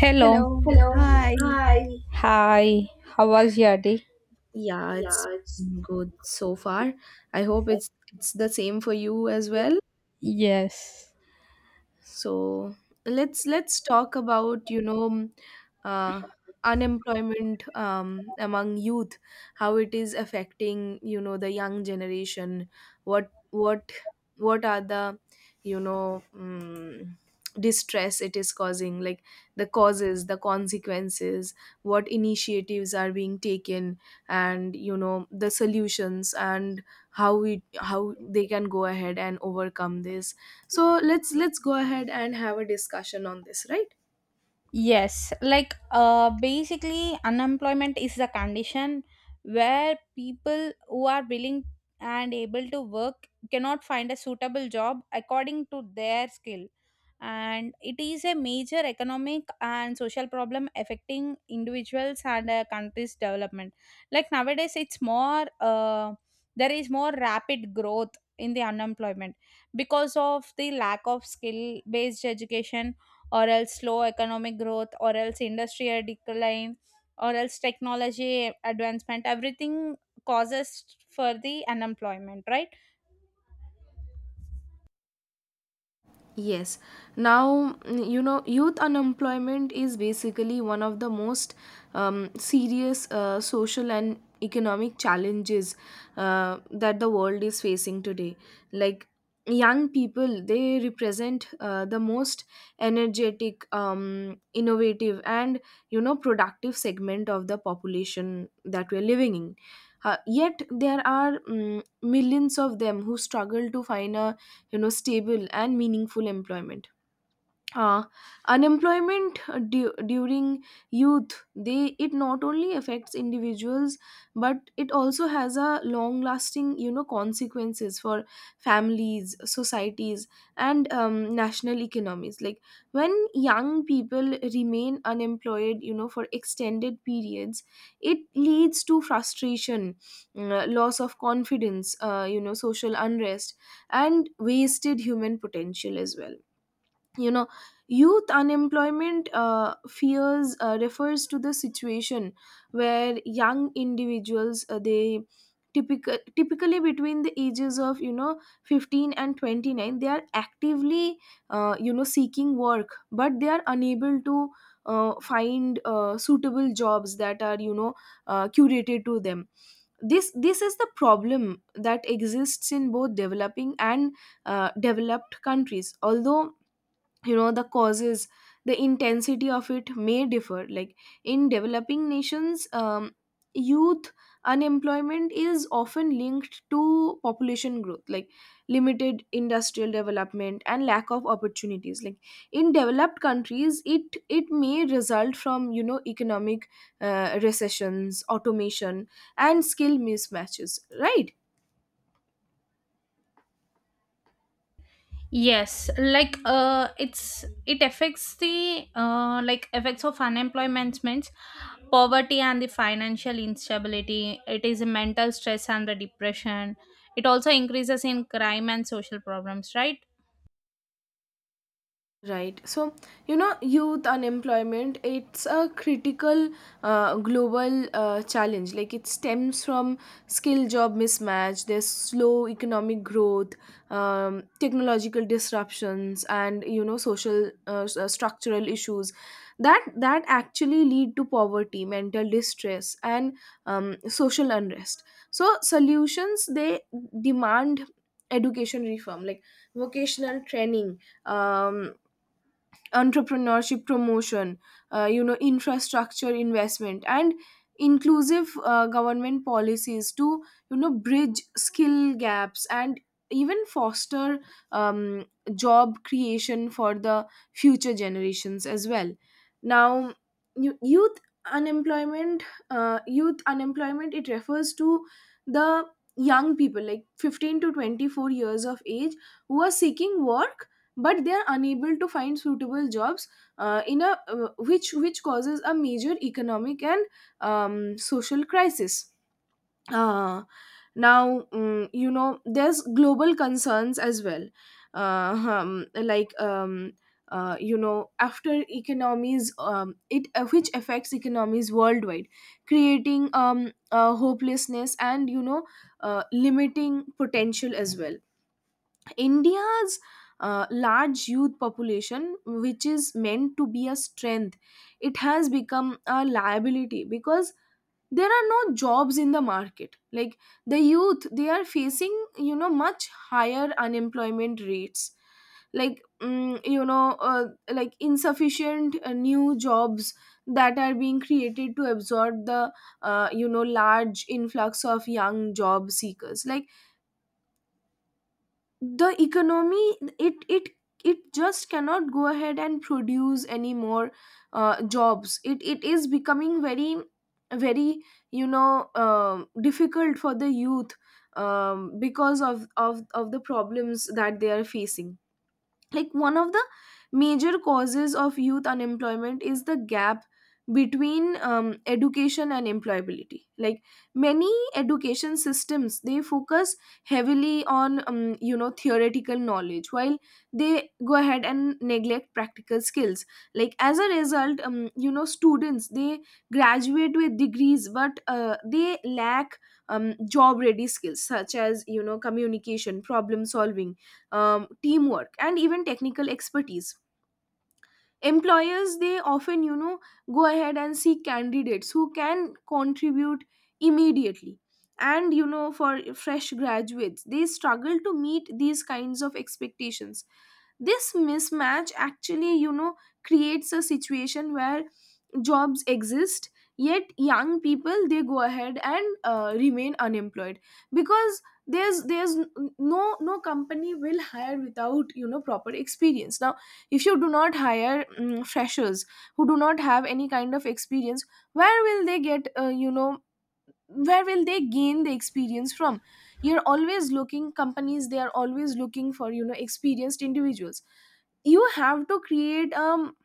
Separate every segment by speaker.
Speaker 1: Hello.
Speaker 2: Hello.
Speaker 1: Hello.
Speaker 2: Hi.
Speaker 1: Hi. Hi. How was your day?
Speaker 2: Yeah, it's
Speaker 1: Yeah, it's
Speaker 2: good so far. I hope it's the same for you as well.
Speaker 1: Yes.
Speaker 2: So let's talk about uh, unemployment among youth, how it is affecting you know the young generation. What what what are the you know mm distress it is causing, like the causes, the consequences, what initiatives are being taken, and you know the solutions, and how we how they can go ahead and overcome this. So let's go ahead and have a discussion on this, right?
Speaker 1: Yes, basically, unemployment is a condition where people who are willing and able to work cannot find a suitable job according to their skill. And it is a major economic and social problem affecting individuals and a country's development. Like nowadays, it's more, there is more rapid growth in the unemployment because of the lack of skill based education, or else slow economic growth, or else industrial decline, or else technology advancement. Everything causes for the unemployment, right?
Speaker 2: Yes. Now, you know, youth unemployment is basically one of the most serious social and economic challenges that the world is facing today. Like, young people, they represent the most energetic, innovative, and, you know, productive segment of the population that we're living in. Yet, there are millions of them who struggle to find a you know stable and meaningful employment. Uh, unemployment uh, du- during youth, they it not only affects individuals, but it also has a long lasting you know consequences for families, societies, and national economies. Like, when young people remain unemployed you know for extended periods, it leads to frustration, loss of confidence, you know, social unrest, and wasted human potential as well. You know, youth unemployment fears refers to the situation where young individuals, they typically between the ages of you know 15 and 29, they are actively you know seeking work, but they are unable to find suitable jobs that are you know curated to them. This is the problem that exists in both developing and developed countries, although you know the causes, the intensity of it may differ. Like, in developing nations, youth unemployment is often linked to population growth, like limited industrial development and lack of opportunities. Like, in developed countries, it may result from you know economic recessions, automation, and skill mismatches, right?
Speaker 1: Yes, it's, it affects the like effects of unemployment, means poverty and the financial instability. It is mental stress and the depression. It also increases in crime and social problems, right?
Speaker 2: Right. So, you know, youth unemployment, it's a critical global challenge. Like, it stems from skill job mismatch, there's slow economic growth, technological disruptions, and, you know, social structural issues that actually lead to poverty, mental distress, and social unrest. So, solutions, they demand education reform, like vocational training, um, entrepreneurship promotion, you know, infrastructure investment, and inclusive government policies to you know bridge skill gaps and even foster um, job creation for the future generations as well. Now, youth unemployment, youth unemployment, it refers to the young people like 15 to 24 years of age who are seeking work, but they are unable to find suitable jobs in a which causes a major economic and social crisis. Uh, now mm, you know, there's global concerns as well, uh, um, like um, you know, after economies it which affects economies worldwide, creating hopelessness and you know limiting potential as well. India's large youth population, which is meant to be a strength, it has become a liability because there are no jobs in the market. Like, the youth, they are facing, you know, much higher unemployment rates, like you know like insufficient new jobs that are being created to absorb the you know large influx of young job seekers. Like, the economy, it just cannot go ahead and produce any more jobs. It is becoming very very you know difficult for the youth, because of the problems that they are facing. Like, one of the major causes of youth unemployment is the gap between education and employability. Like, many education systems, they focus heavily on you know theoretical knowledge, while they go ahead and neglect practical skills. Like, as a result, you know students, they graduate with degrees, but they lack job ready skills such as you know communication, problem solving, teamwork, and even technical expertise. Employers, they often you know go ahead and seek candidates who can contribute immediately, and you know for fresh graduates, they struggle to meet these kinds of expectations. This mismatch actually you know creates a situation where jobs exist, yet young people, they go ahead and remain unemployed, because there's no company will hire without you know proper experience. Now, if you do not hire freshers who do not have any kind of experience, where will they get you know, where will they gain the experience from? You're always looking companies they are always looking for you know experienced individuals. You have to create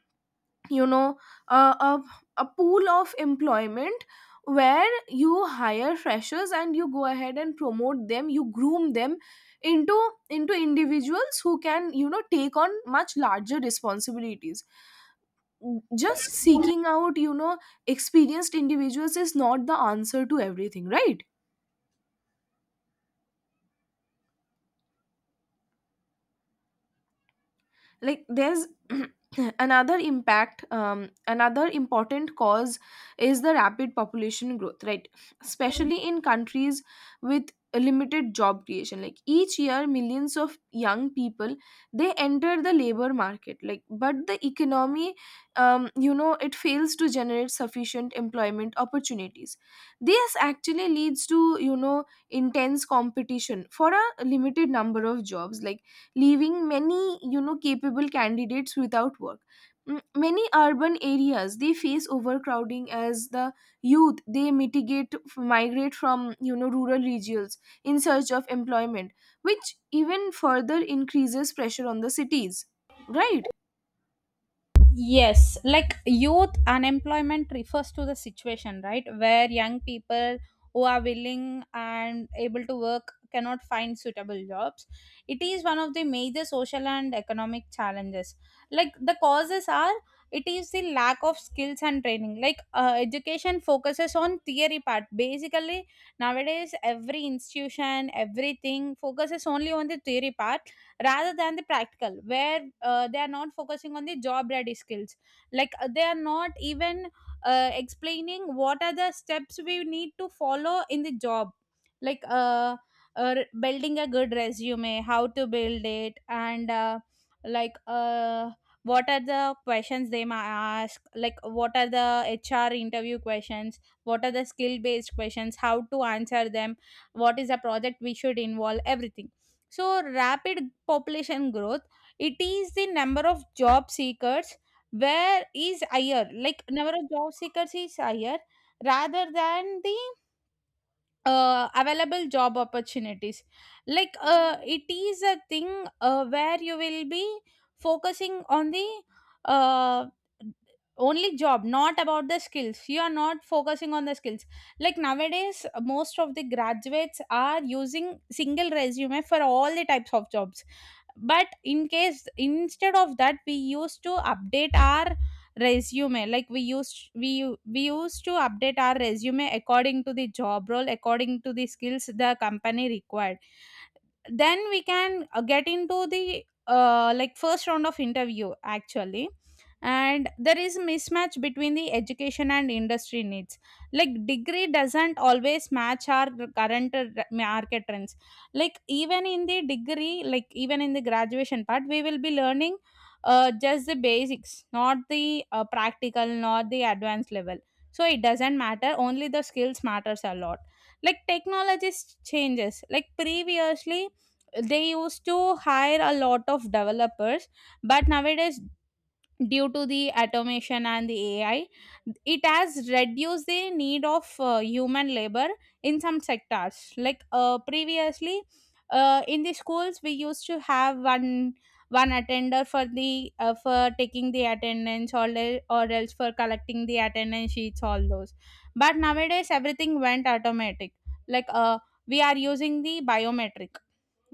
Speaker 2: you know uh, a, a pool of employment where you hire freshers and you go ahead and promote them, you groom them into into individuals who can you know take on much larger responsibilities. Just seeking out you know experienced individuals is not the answer to everything, right? Like, there's another important cause is the rapid population growth, right? Especially in countries with limited job creation. Like, each year, millions of young people, they enter the labor market. Like, but the economy, you know, it fails to generate sufficient employment opportunities. This actually leads to you know intense competition for a limited number of jobs, like leaving many you know capable candidates without work. Mm, many urban areas, they face overcrowding as the youth, they mitigate migrate from you know rural regions in search of employment, which even further increases pressure on the cities, right?
Speaker 1: Yes, like youth unemployment refers to the situation, right, where young people who are willing and able to work cannot find suitable jobs. It is one of the major social and economic challenges. Like the causes are, it is the lack of skills and training. Education focuses on theory part. Basically, nowadays every institution, everything focuses only on the theory part rather than the practical, where they are not focusing on the job ready skills, they are not even explaining what are the steps we need to follow in the job, like uh, uh, building a good resume, how to build it, and like uh, what are the questions they might ask, like what are the HR interview questions, what are the skill based questions, how to answer them, what is the project we should involve, everything. So, rapid population growth, it is the number of job seekers where is higher, like number of job seekers is higher rather than the available job opportunities. It is a thing, where you will be focusing on the uh, only job, not about the skills. You are not focusing on the skills. Like nowadays most of the graduates are using single resume for all the types of jobs, but in case instead of that, we used to update our resume, like we used to update our resume according to the job role, according to the skills the company required. Then we can get into the like first round of interview actually. And there is mismatch between the education and industry needs, like degree doesn't always match our current market trends. Like even in the degree, like even in the graduation part, we will be learning just the basics, not the practical, not the advanced level. So it doesn't matter, only the skills matters a lot. Like changes. Like previously they used to hire a lot of developers, but nowadays due to the automation and the AI, it has reduced the need of human labor in some sectors. Like previously, in the schools we used to have one attender for the for taking the attendance, or else for collecting the attendance sheets, all those. But nowadays everything went automatic. like uh, we are using the biometric,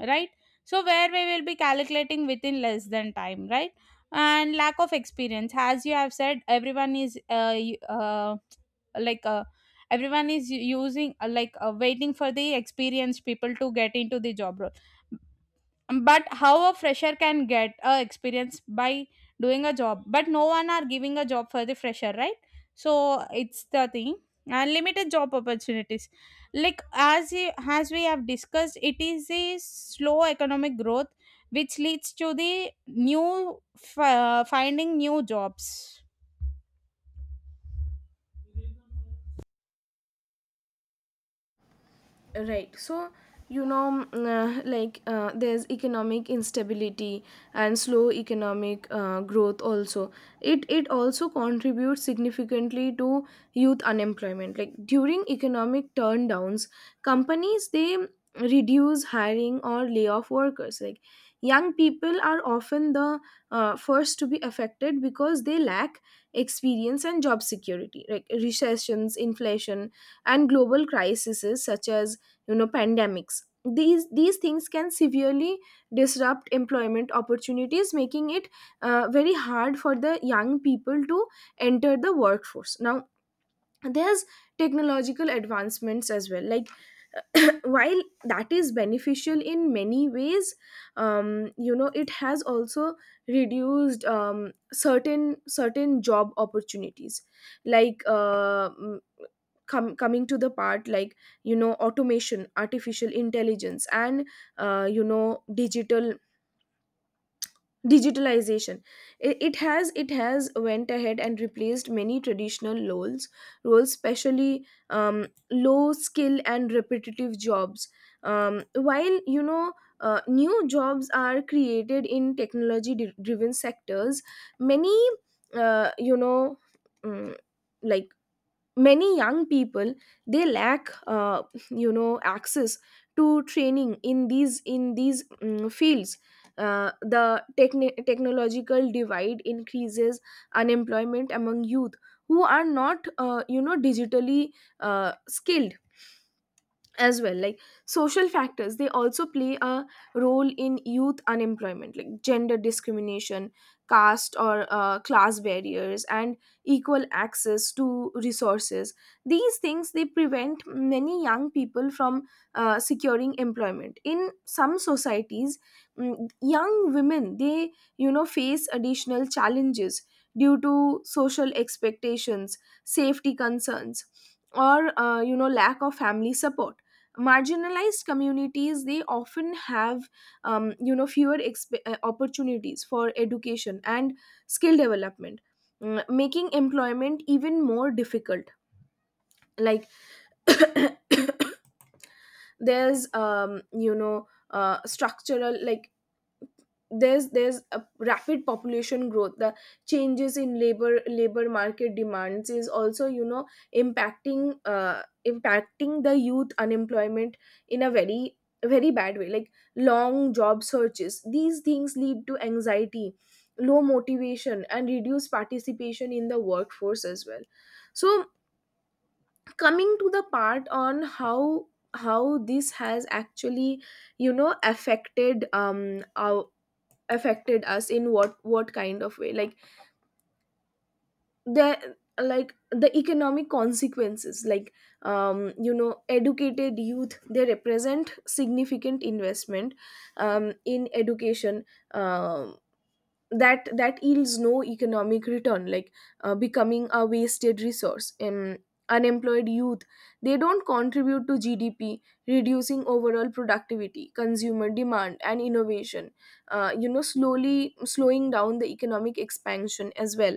Speaker 1: right? So where we will be calculating within less than time, right? And lack of experience, as you have said, like uh, everyone is using waiting for the experienced people to get into the job role. But how a fresher can get a experience by doing a job, but no one are giving a job for the fresher, right? So it's the thing. And limited job opportunities, like as we have discussed, it is a slow economic growth which leads to the finding new jobs.
Speaker 2: Right, so you know there's economic instability and slow economic growth also. It also contributes significantly to youth unemployment. Like, during economic turndowns, companies, they reduce hiring or lay off workers. Like, young people are often the first to be affected, because they lack experience and job security. Like, recessions, inflation, and global crises such as you know pandemics, these things can severely disrupt employment opportunities, making it very hard for the young people to enter the workforce. Now, there's technological advancements as well. Like, while that is beneficial in many ways, um, you know, it has also reduced certain job opportunities. Like coming to the part, like, you know, automation, artificial intelligence, and you know, digitalization, it has went ahead and replaced many traditional roles especially low skill and repetitive jobs. While you know new jobs are created in technology driven sectors, many uh, you know mm, like many young people, they lack you know access to training in these fields. The technological divide increases unemployment among youth who are not you know digitally skilled as well. Like, social factors, they also play a role in youth unemployment, like gender discrimination, caste or class barriers, and equal access to resources. These things, they prevent many young people from securing employment in some societies. Mm, young women, they you know face additional challenges due to social expectations, safety concerns, or you know lack of family support. Marginalized communities, they often have you know fewer opportunities for education and skill development, mm, making employment even more difficult. Like, there's structural, like there's a rapid population growth, the changes in labor market demands is also you know impacting the youth unemployment in a very very bad way. Like, long job searches, these things lead to anxiety, low motivation, and reduced participation in the workforce as well. So, coming to the part on how this has actually you know affected our affected us in what kind of way. Like, the like the economic consequences, like you know educated youth, they represent significant investment in education um that yields no economic return, like becoming a wasted resource. Unemployed youth, they don't contribute to GDP, reducing overall productivity, consumer demand, and innovation, you know, slowly slowing down the economic expansion as well.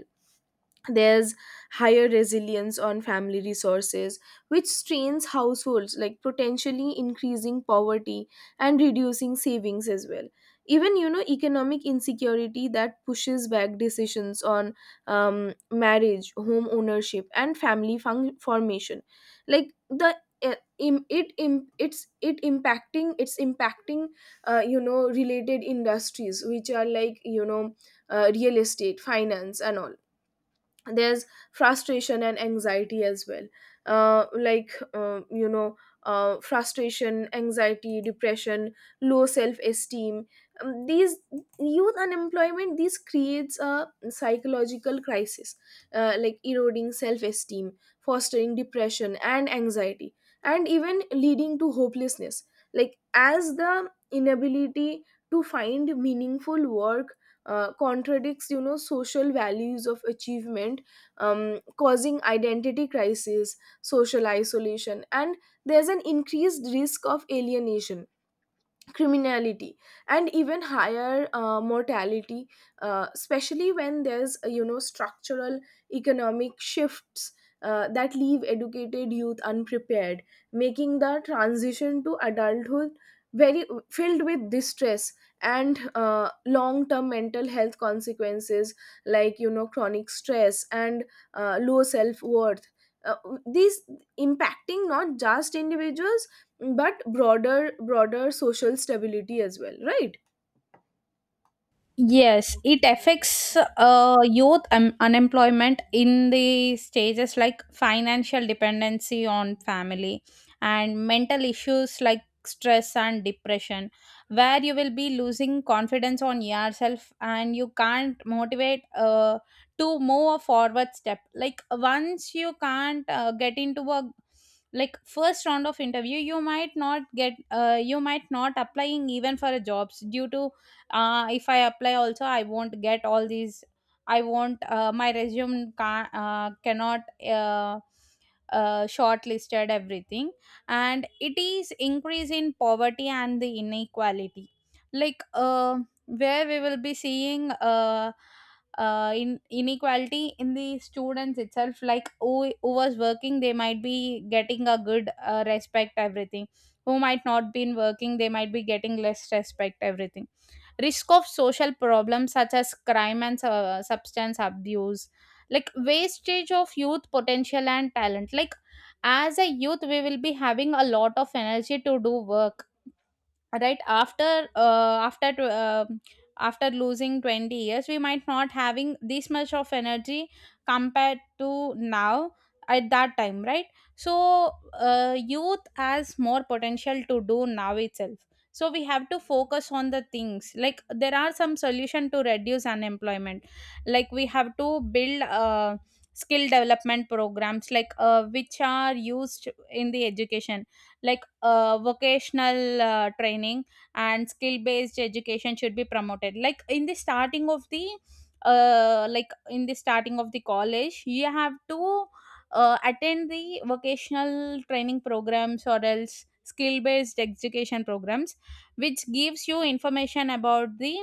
Speaker 2: There's higher resilience on family resources, which strains households, like potentially increasing poverty and reducing savings as well. Even you know economic insecurity that pushes back decisions on marriage, home ownership, and formation. Like, the eh, im- it im- it's it impacting it's impacting, you know, related industries, which are like you know real estate, finance, and all. There's frustration and anxiety as well. You know, frustration, anxiety, depression, low self-esteem, these youth unemployment, these creates a psychological crisis. Like, eroding self-esteem, fostering depression and anxiety, and even leading to hopelessness. Like, as the inability to find meaningful work contradicts you know social values of achievement, causing identity crisis, social isolation, and There's an increased risk of alienation, criminality, and even higher mortality, especially when there's structural economic shifts that leave educated youth unprepared, making the transition to adulthood very filled with distress and long term mental health consequences, like you know chronic stress and low self worth. uh, these impacting not just individuals but broader social stability as well, right?
Speaker 1: Yes, it affects youth unemployment in the stages like financial dependency on family and mental issues like stress and depression, where you will be losing confidence on yourself and you can't motivate to move a forward step. Like once you can't get into a like first round of interview, you might not get you might not applying even for a jobs due to if I apply also, I won't get all these. I won't my resume cannot uh, shortlisted, everything. And it is increase in poverty and the inequality, like uh, where we will be seeing in inequality in the students itself. Like who was working, they might be getting a good respect, everything. Who might not been working, they might be getting less respect, everything. Risk of social problems such as crime and substance abuse, like wastage of youth potential and talent. Like as a youth we will be having a lot of energy to do work right after after losing 20 years, we might not having this much of energy compared to now at that time, right? So youth has more potential to do now itself. So we have to focus on the things. Like there are some solution to reduce unemployment. Like we have to build skill development programs, which are used in the education. Vocational training and skill based education should be promoted. Like in the starting of the like in the starting of the college, you have to attend the vocational training programs or else skill based education programs, which gives you information about the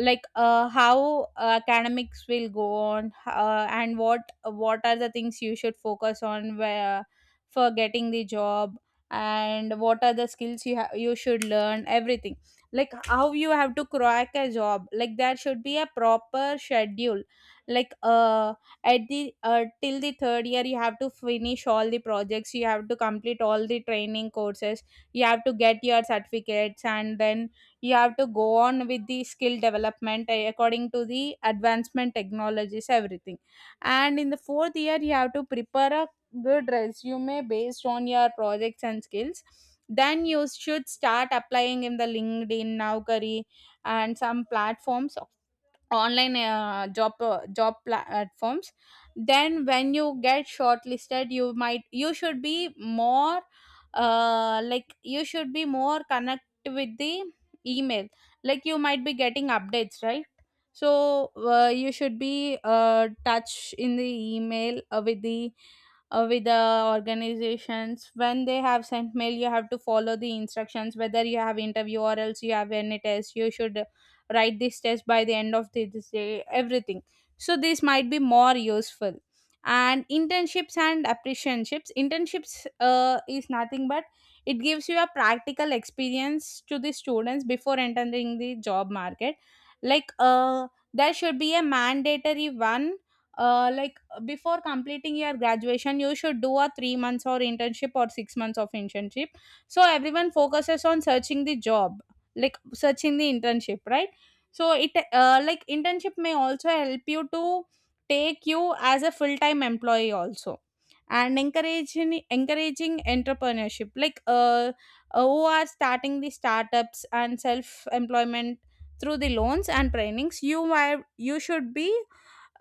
Speaker 1: like how academics will go on, and what are the things you should focus on, where for getting the job, and what are the skills you should learn, everything. Like how you have to crack a job. Like there should be a proper schedule, like uh at the till the third year you have to finish all the projects, you have to complete all the training courses, you have to get your certificates, and then you have to go on with the skill development according to the advancement technologies, everything. And in the fourth year you have to prepare a good resume based on your projects and skills. Then you should start applying in the LinkedIn, Naukari, and some platforms, online job platforms. Then when you get shortlisted, you should be more like you should be more connect with the email, like you might be getting updates, right? So you should be touch in the email with the organizations. When they have sent mail, you have to follow the instructions, whether you have interview or else you have any test. You should write this test by the end of the, this day, everything. So this might be more useful. And internships and apprenticeships. Internships is nothing but, it gives you a practical experience to the students before entering the job market. like uh, there should be a mandatory one, uh, like before completing your graduation you should do a 3 months or internship, or 6 months of internship. So everyone focuses on searching the job, like searching the internship, right? So it like internship may also help you to take you as a full time employee also. And encouraging entrepreneurship, who are starting the startups and self employment through the loans and trainings. You should be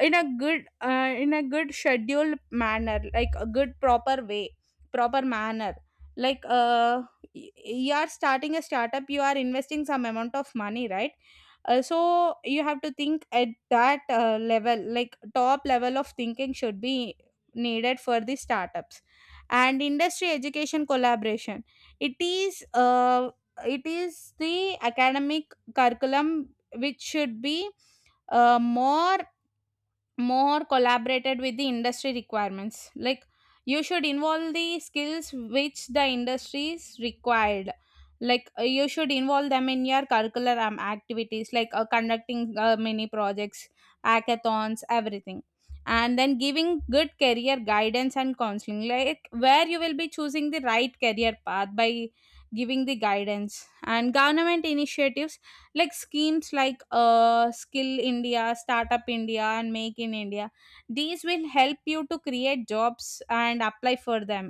Speaker 1: in a good scheduled manner, like a good proper way, proper manner. like uh, you are starting a startup, you are investing some amount of money, right? So you have to think at that level. Like top level of thinking should be needed for the startups. And industry education collaboration, it is uh, it is the academic curriculum, which should be uh, more more collaborated with the industry requirements. Like you should involve the skills which the industries required. You should involve them in your curricular activities, conducting mini projects, hackathons, everything. And then giving good career guidance and counseling, like where you will be choosing the right career path by giving the guidance. And government initiatives, like schemes like Skill India, Startup India, and Make in India. These will help you to create jobs and apply for them.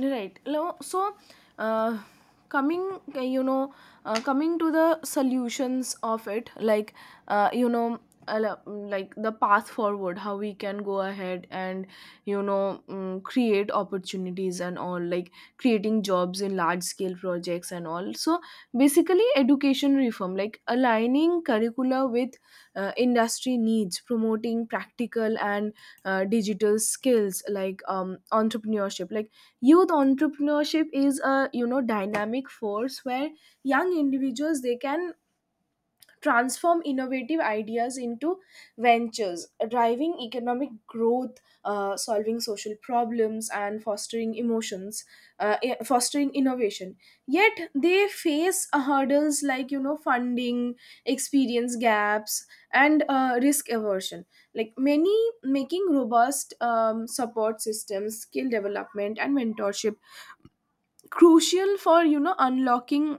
Speaker 2: Right. So uh, coming coming to the solutions of it, like uh, you know uh, lo- like the path forward, how we can go ahead and you know create opportunities and all, like creating jobs in large scale projects and all. So basically education reform, like aligning curricula with industry needs, promoting practical and digital skills, like entrepreneurship. Like youth entrepreneurship is a you know dynamic force where young individuals, they can transform innovative ideas into ventures, driving economic growth, solving social problems, and fostering emotions, fostering innovation. Yet they face hurdles like you know funding, experience gaps, and risk aversion, like many. Making robust support systems, skill development, and mentorship crucial for you know unlocking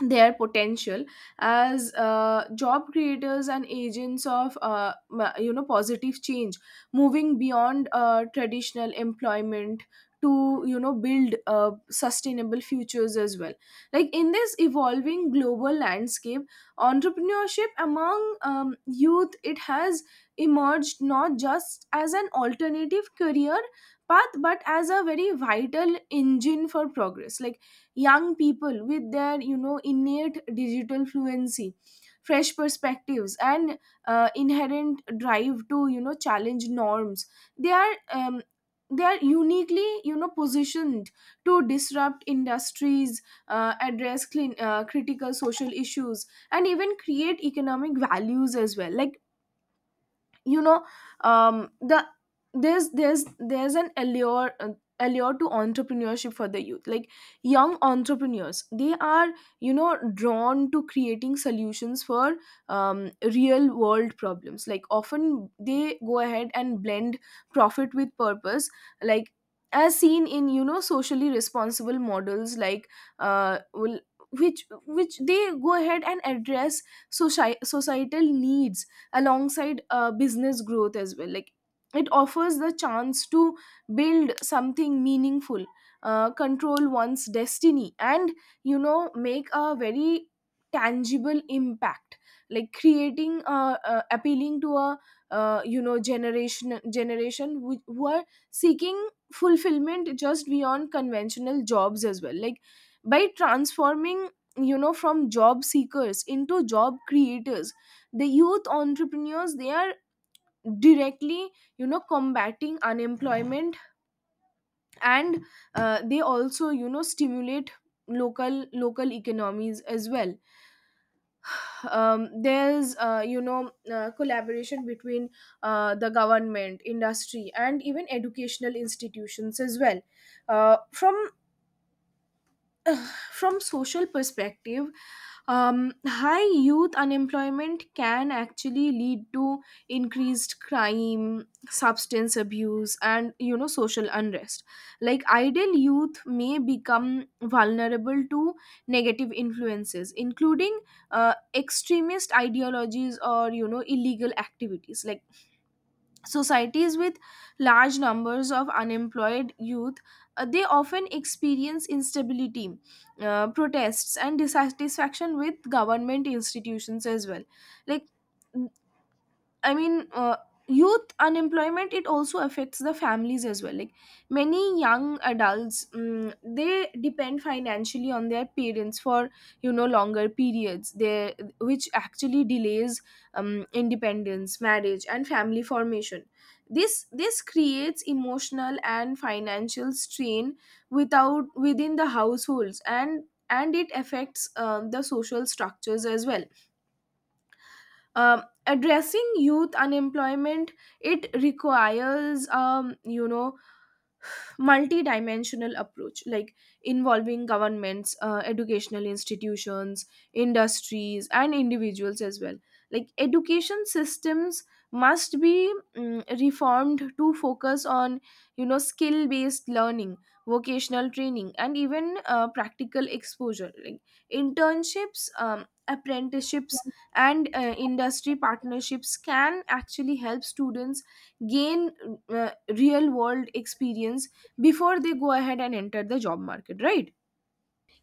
Speaker 2: their potential as job creators and agents of you know positive change, moving beyond traditional employment to you know build sustainable futures as well. Like in this evolving global landscape, entrepreneurship among youth, it has emerged not just as an alternative career path, but as a very vital engine for progress. Like young people, with their you know innate digital fluency, fresh perspectives, and inherent drive to you know challenge norms, they are um, they are uniquely you know positioned to disrupt industries, address clean, critical social issues, and even create economic values as well. Like you know the, there's an allure allure to entrepreneurship for the youth. Like young entrepreneurs, they are you know drawn to creating solutions for real world problems, like often they go ahead and blend profit with purpose, like as seen in you know socially responsible models, like will which they go ahead and address societal needs alongside business growth as well. Like it offers the chance to build something meaningful, control one's destiny, and you know make a very tangible impact, like creating appealing to a you know generation who are seeking fulfillment just beyond conventional jobs as well. Like by transforming you know from job seekers into job creators, the youth entrepreneurs, they are directly you know combating unemployment, and they also you know stimulate local economies as well. There's collaboration between the government, industry, and even educational institutions as well. uh, from from social perspective, high youth unemployment can actually lead to increased crime, substance abuse, and you know social unrest. Like idle youth may become vulnerable to negative influences, including extremist ideologies or you know illegal activities. Like societies with large numbers of unemployed youth, they often experience instability, protests, and dissatisfaction with government institutions as well. Like I mean, youth unemployment, it also affects the families as well. Like many young adults, they depend financially on their parents for you know longer periods. They, which actually delays independence, marriage, and family formation. This creates emotional and financial strain without within the households, and it affects the social structures as well. Addressing youth unemployment, it requires you know multi-dimensional approach, like involving governments, educational institutions, industries, and individuals as well. Like education systems must be reformed to focus on you know skill based learning, vocational training, and even practical exposure, like internships, apprenticeships, and industry partnerships can actually help students gain uh, real world experience before they go ahead and enter the job market, right?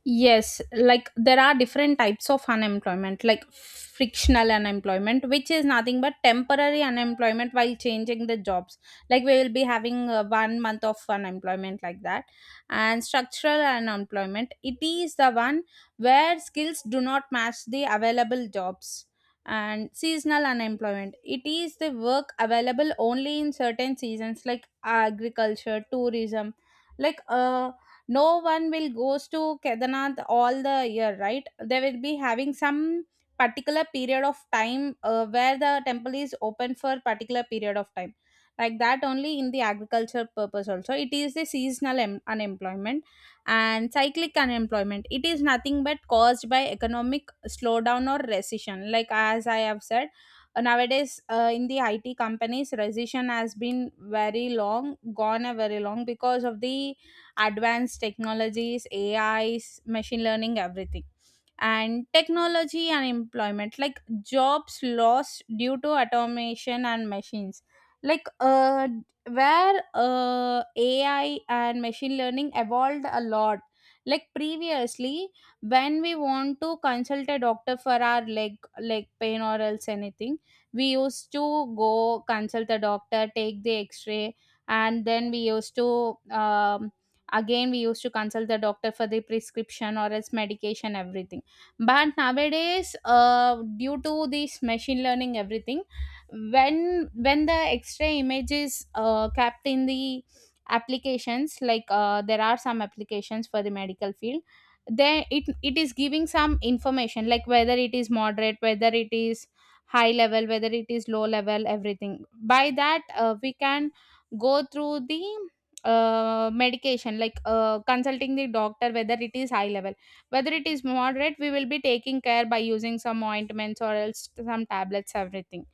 Speaker 1: Yes, like there are different types of unemployment, like frictional unemployment, which is nothing but temporary unemployment while changing the jobs. Like we will be having 1 month of unemployment like that. And structural unemployment, it is the one where skills do not match the available jobs. And seasonal unemployment, it is the work available only in certain seasons like agriculture, tourism. like uh no one will goes to Kedarnath all the year, right? They will be having some particular period of time, where the temple is open for particular period of time. Like that only, in the agriculture purpose also, it is the seasonal unemployment. And cyclic unemployment, it is nothing but caused by economic slowdown or recession. Like as I have said, nowadays in the IT companies, recession has been very long, gone a very long, because of the advanced technologies, ais, machine learning, everything. And technology and employment, like jobs lost due to automation and machines. like uh where AI and machine learning evolved a lot. Like previously, when we want to consult a doctor for our leg pain or else anything, we used to go consult the doctor, take the x-ray, and then we used to again, we used to consult the doctor for the prescription or else medication, everything. But nowadays, due to this machine learning, everything, when the x-ray image is kept in the applications, there are some applications for the medical field, then it is giving some information like whether it is moderate, whether it is high level, whether it is low level, everything. By that we can go through the medication, consulting the doctor whether it is high level, whether it is moderate, we will be taking care by using some ointments or else some tablets, everything.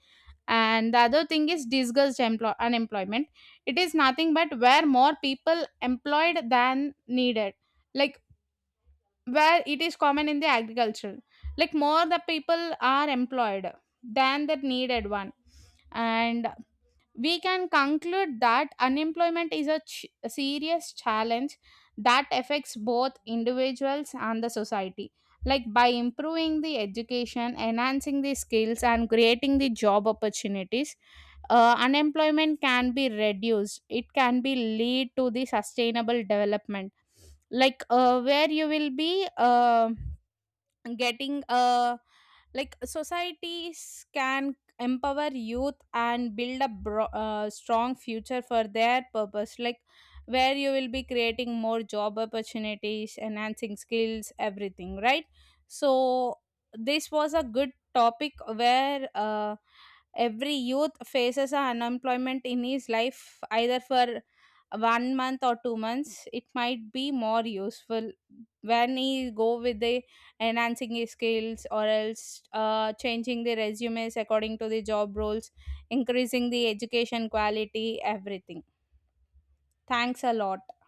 Speaker 1: And the other thing is unemployment, it is nothing but where more people employed than needed. Like where it is common in the agriculture, like more the people are employed than the needed one. And we can conclude that unemployment is a a serious challenge that affects both individuals and the society. Like by improving the education, enhancing the skills, and creating the job opportunities, unemployment can be reduced. It can be lead to the sustainable development, where you will be getting a like, societies can empower youth and build a strong future for their purpose. Like where you will be creating more job opportunities, enhancing skills, everything, right? So this was a good topic, where every youth faces a unemployment in his life, either for 1 month or 2 months. It might be more useful when he go with a enhancing his skills, or else changing the resumes according to the job roles, increasing the education quality, everything. Thanks a lot.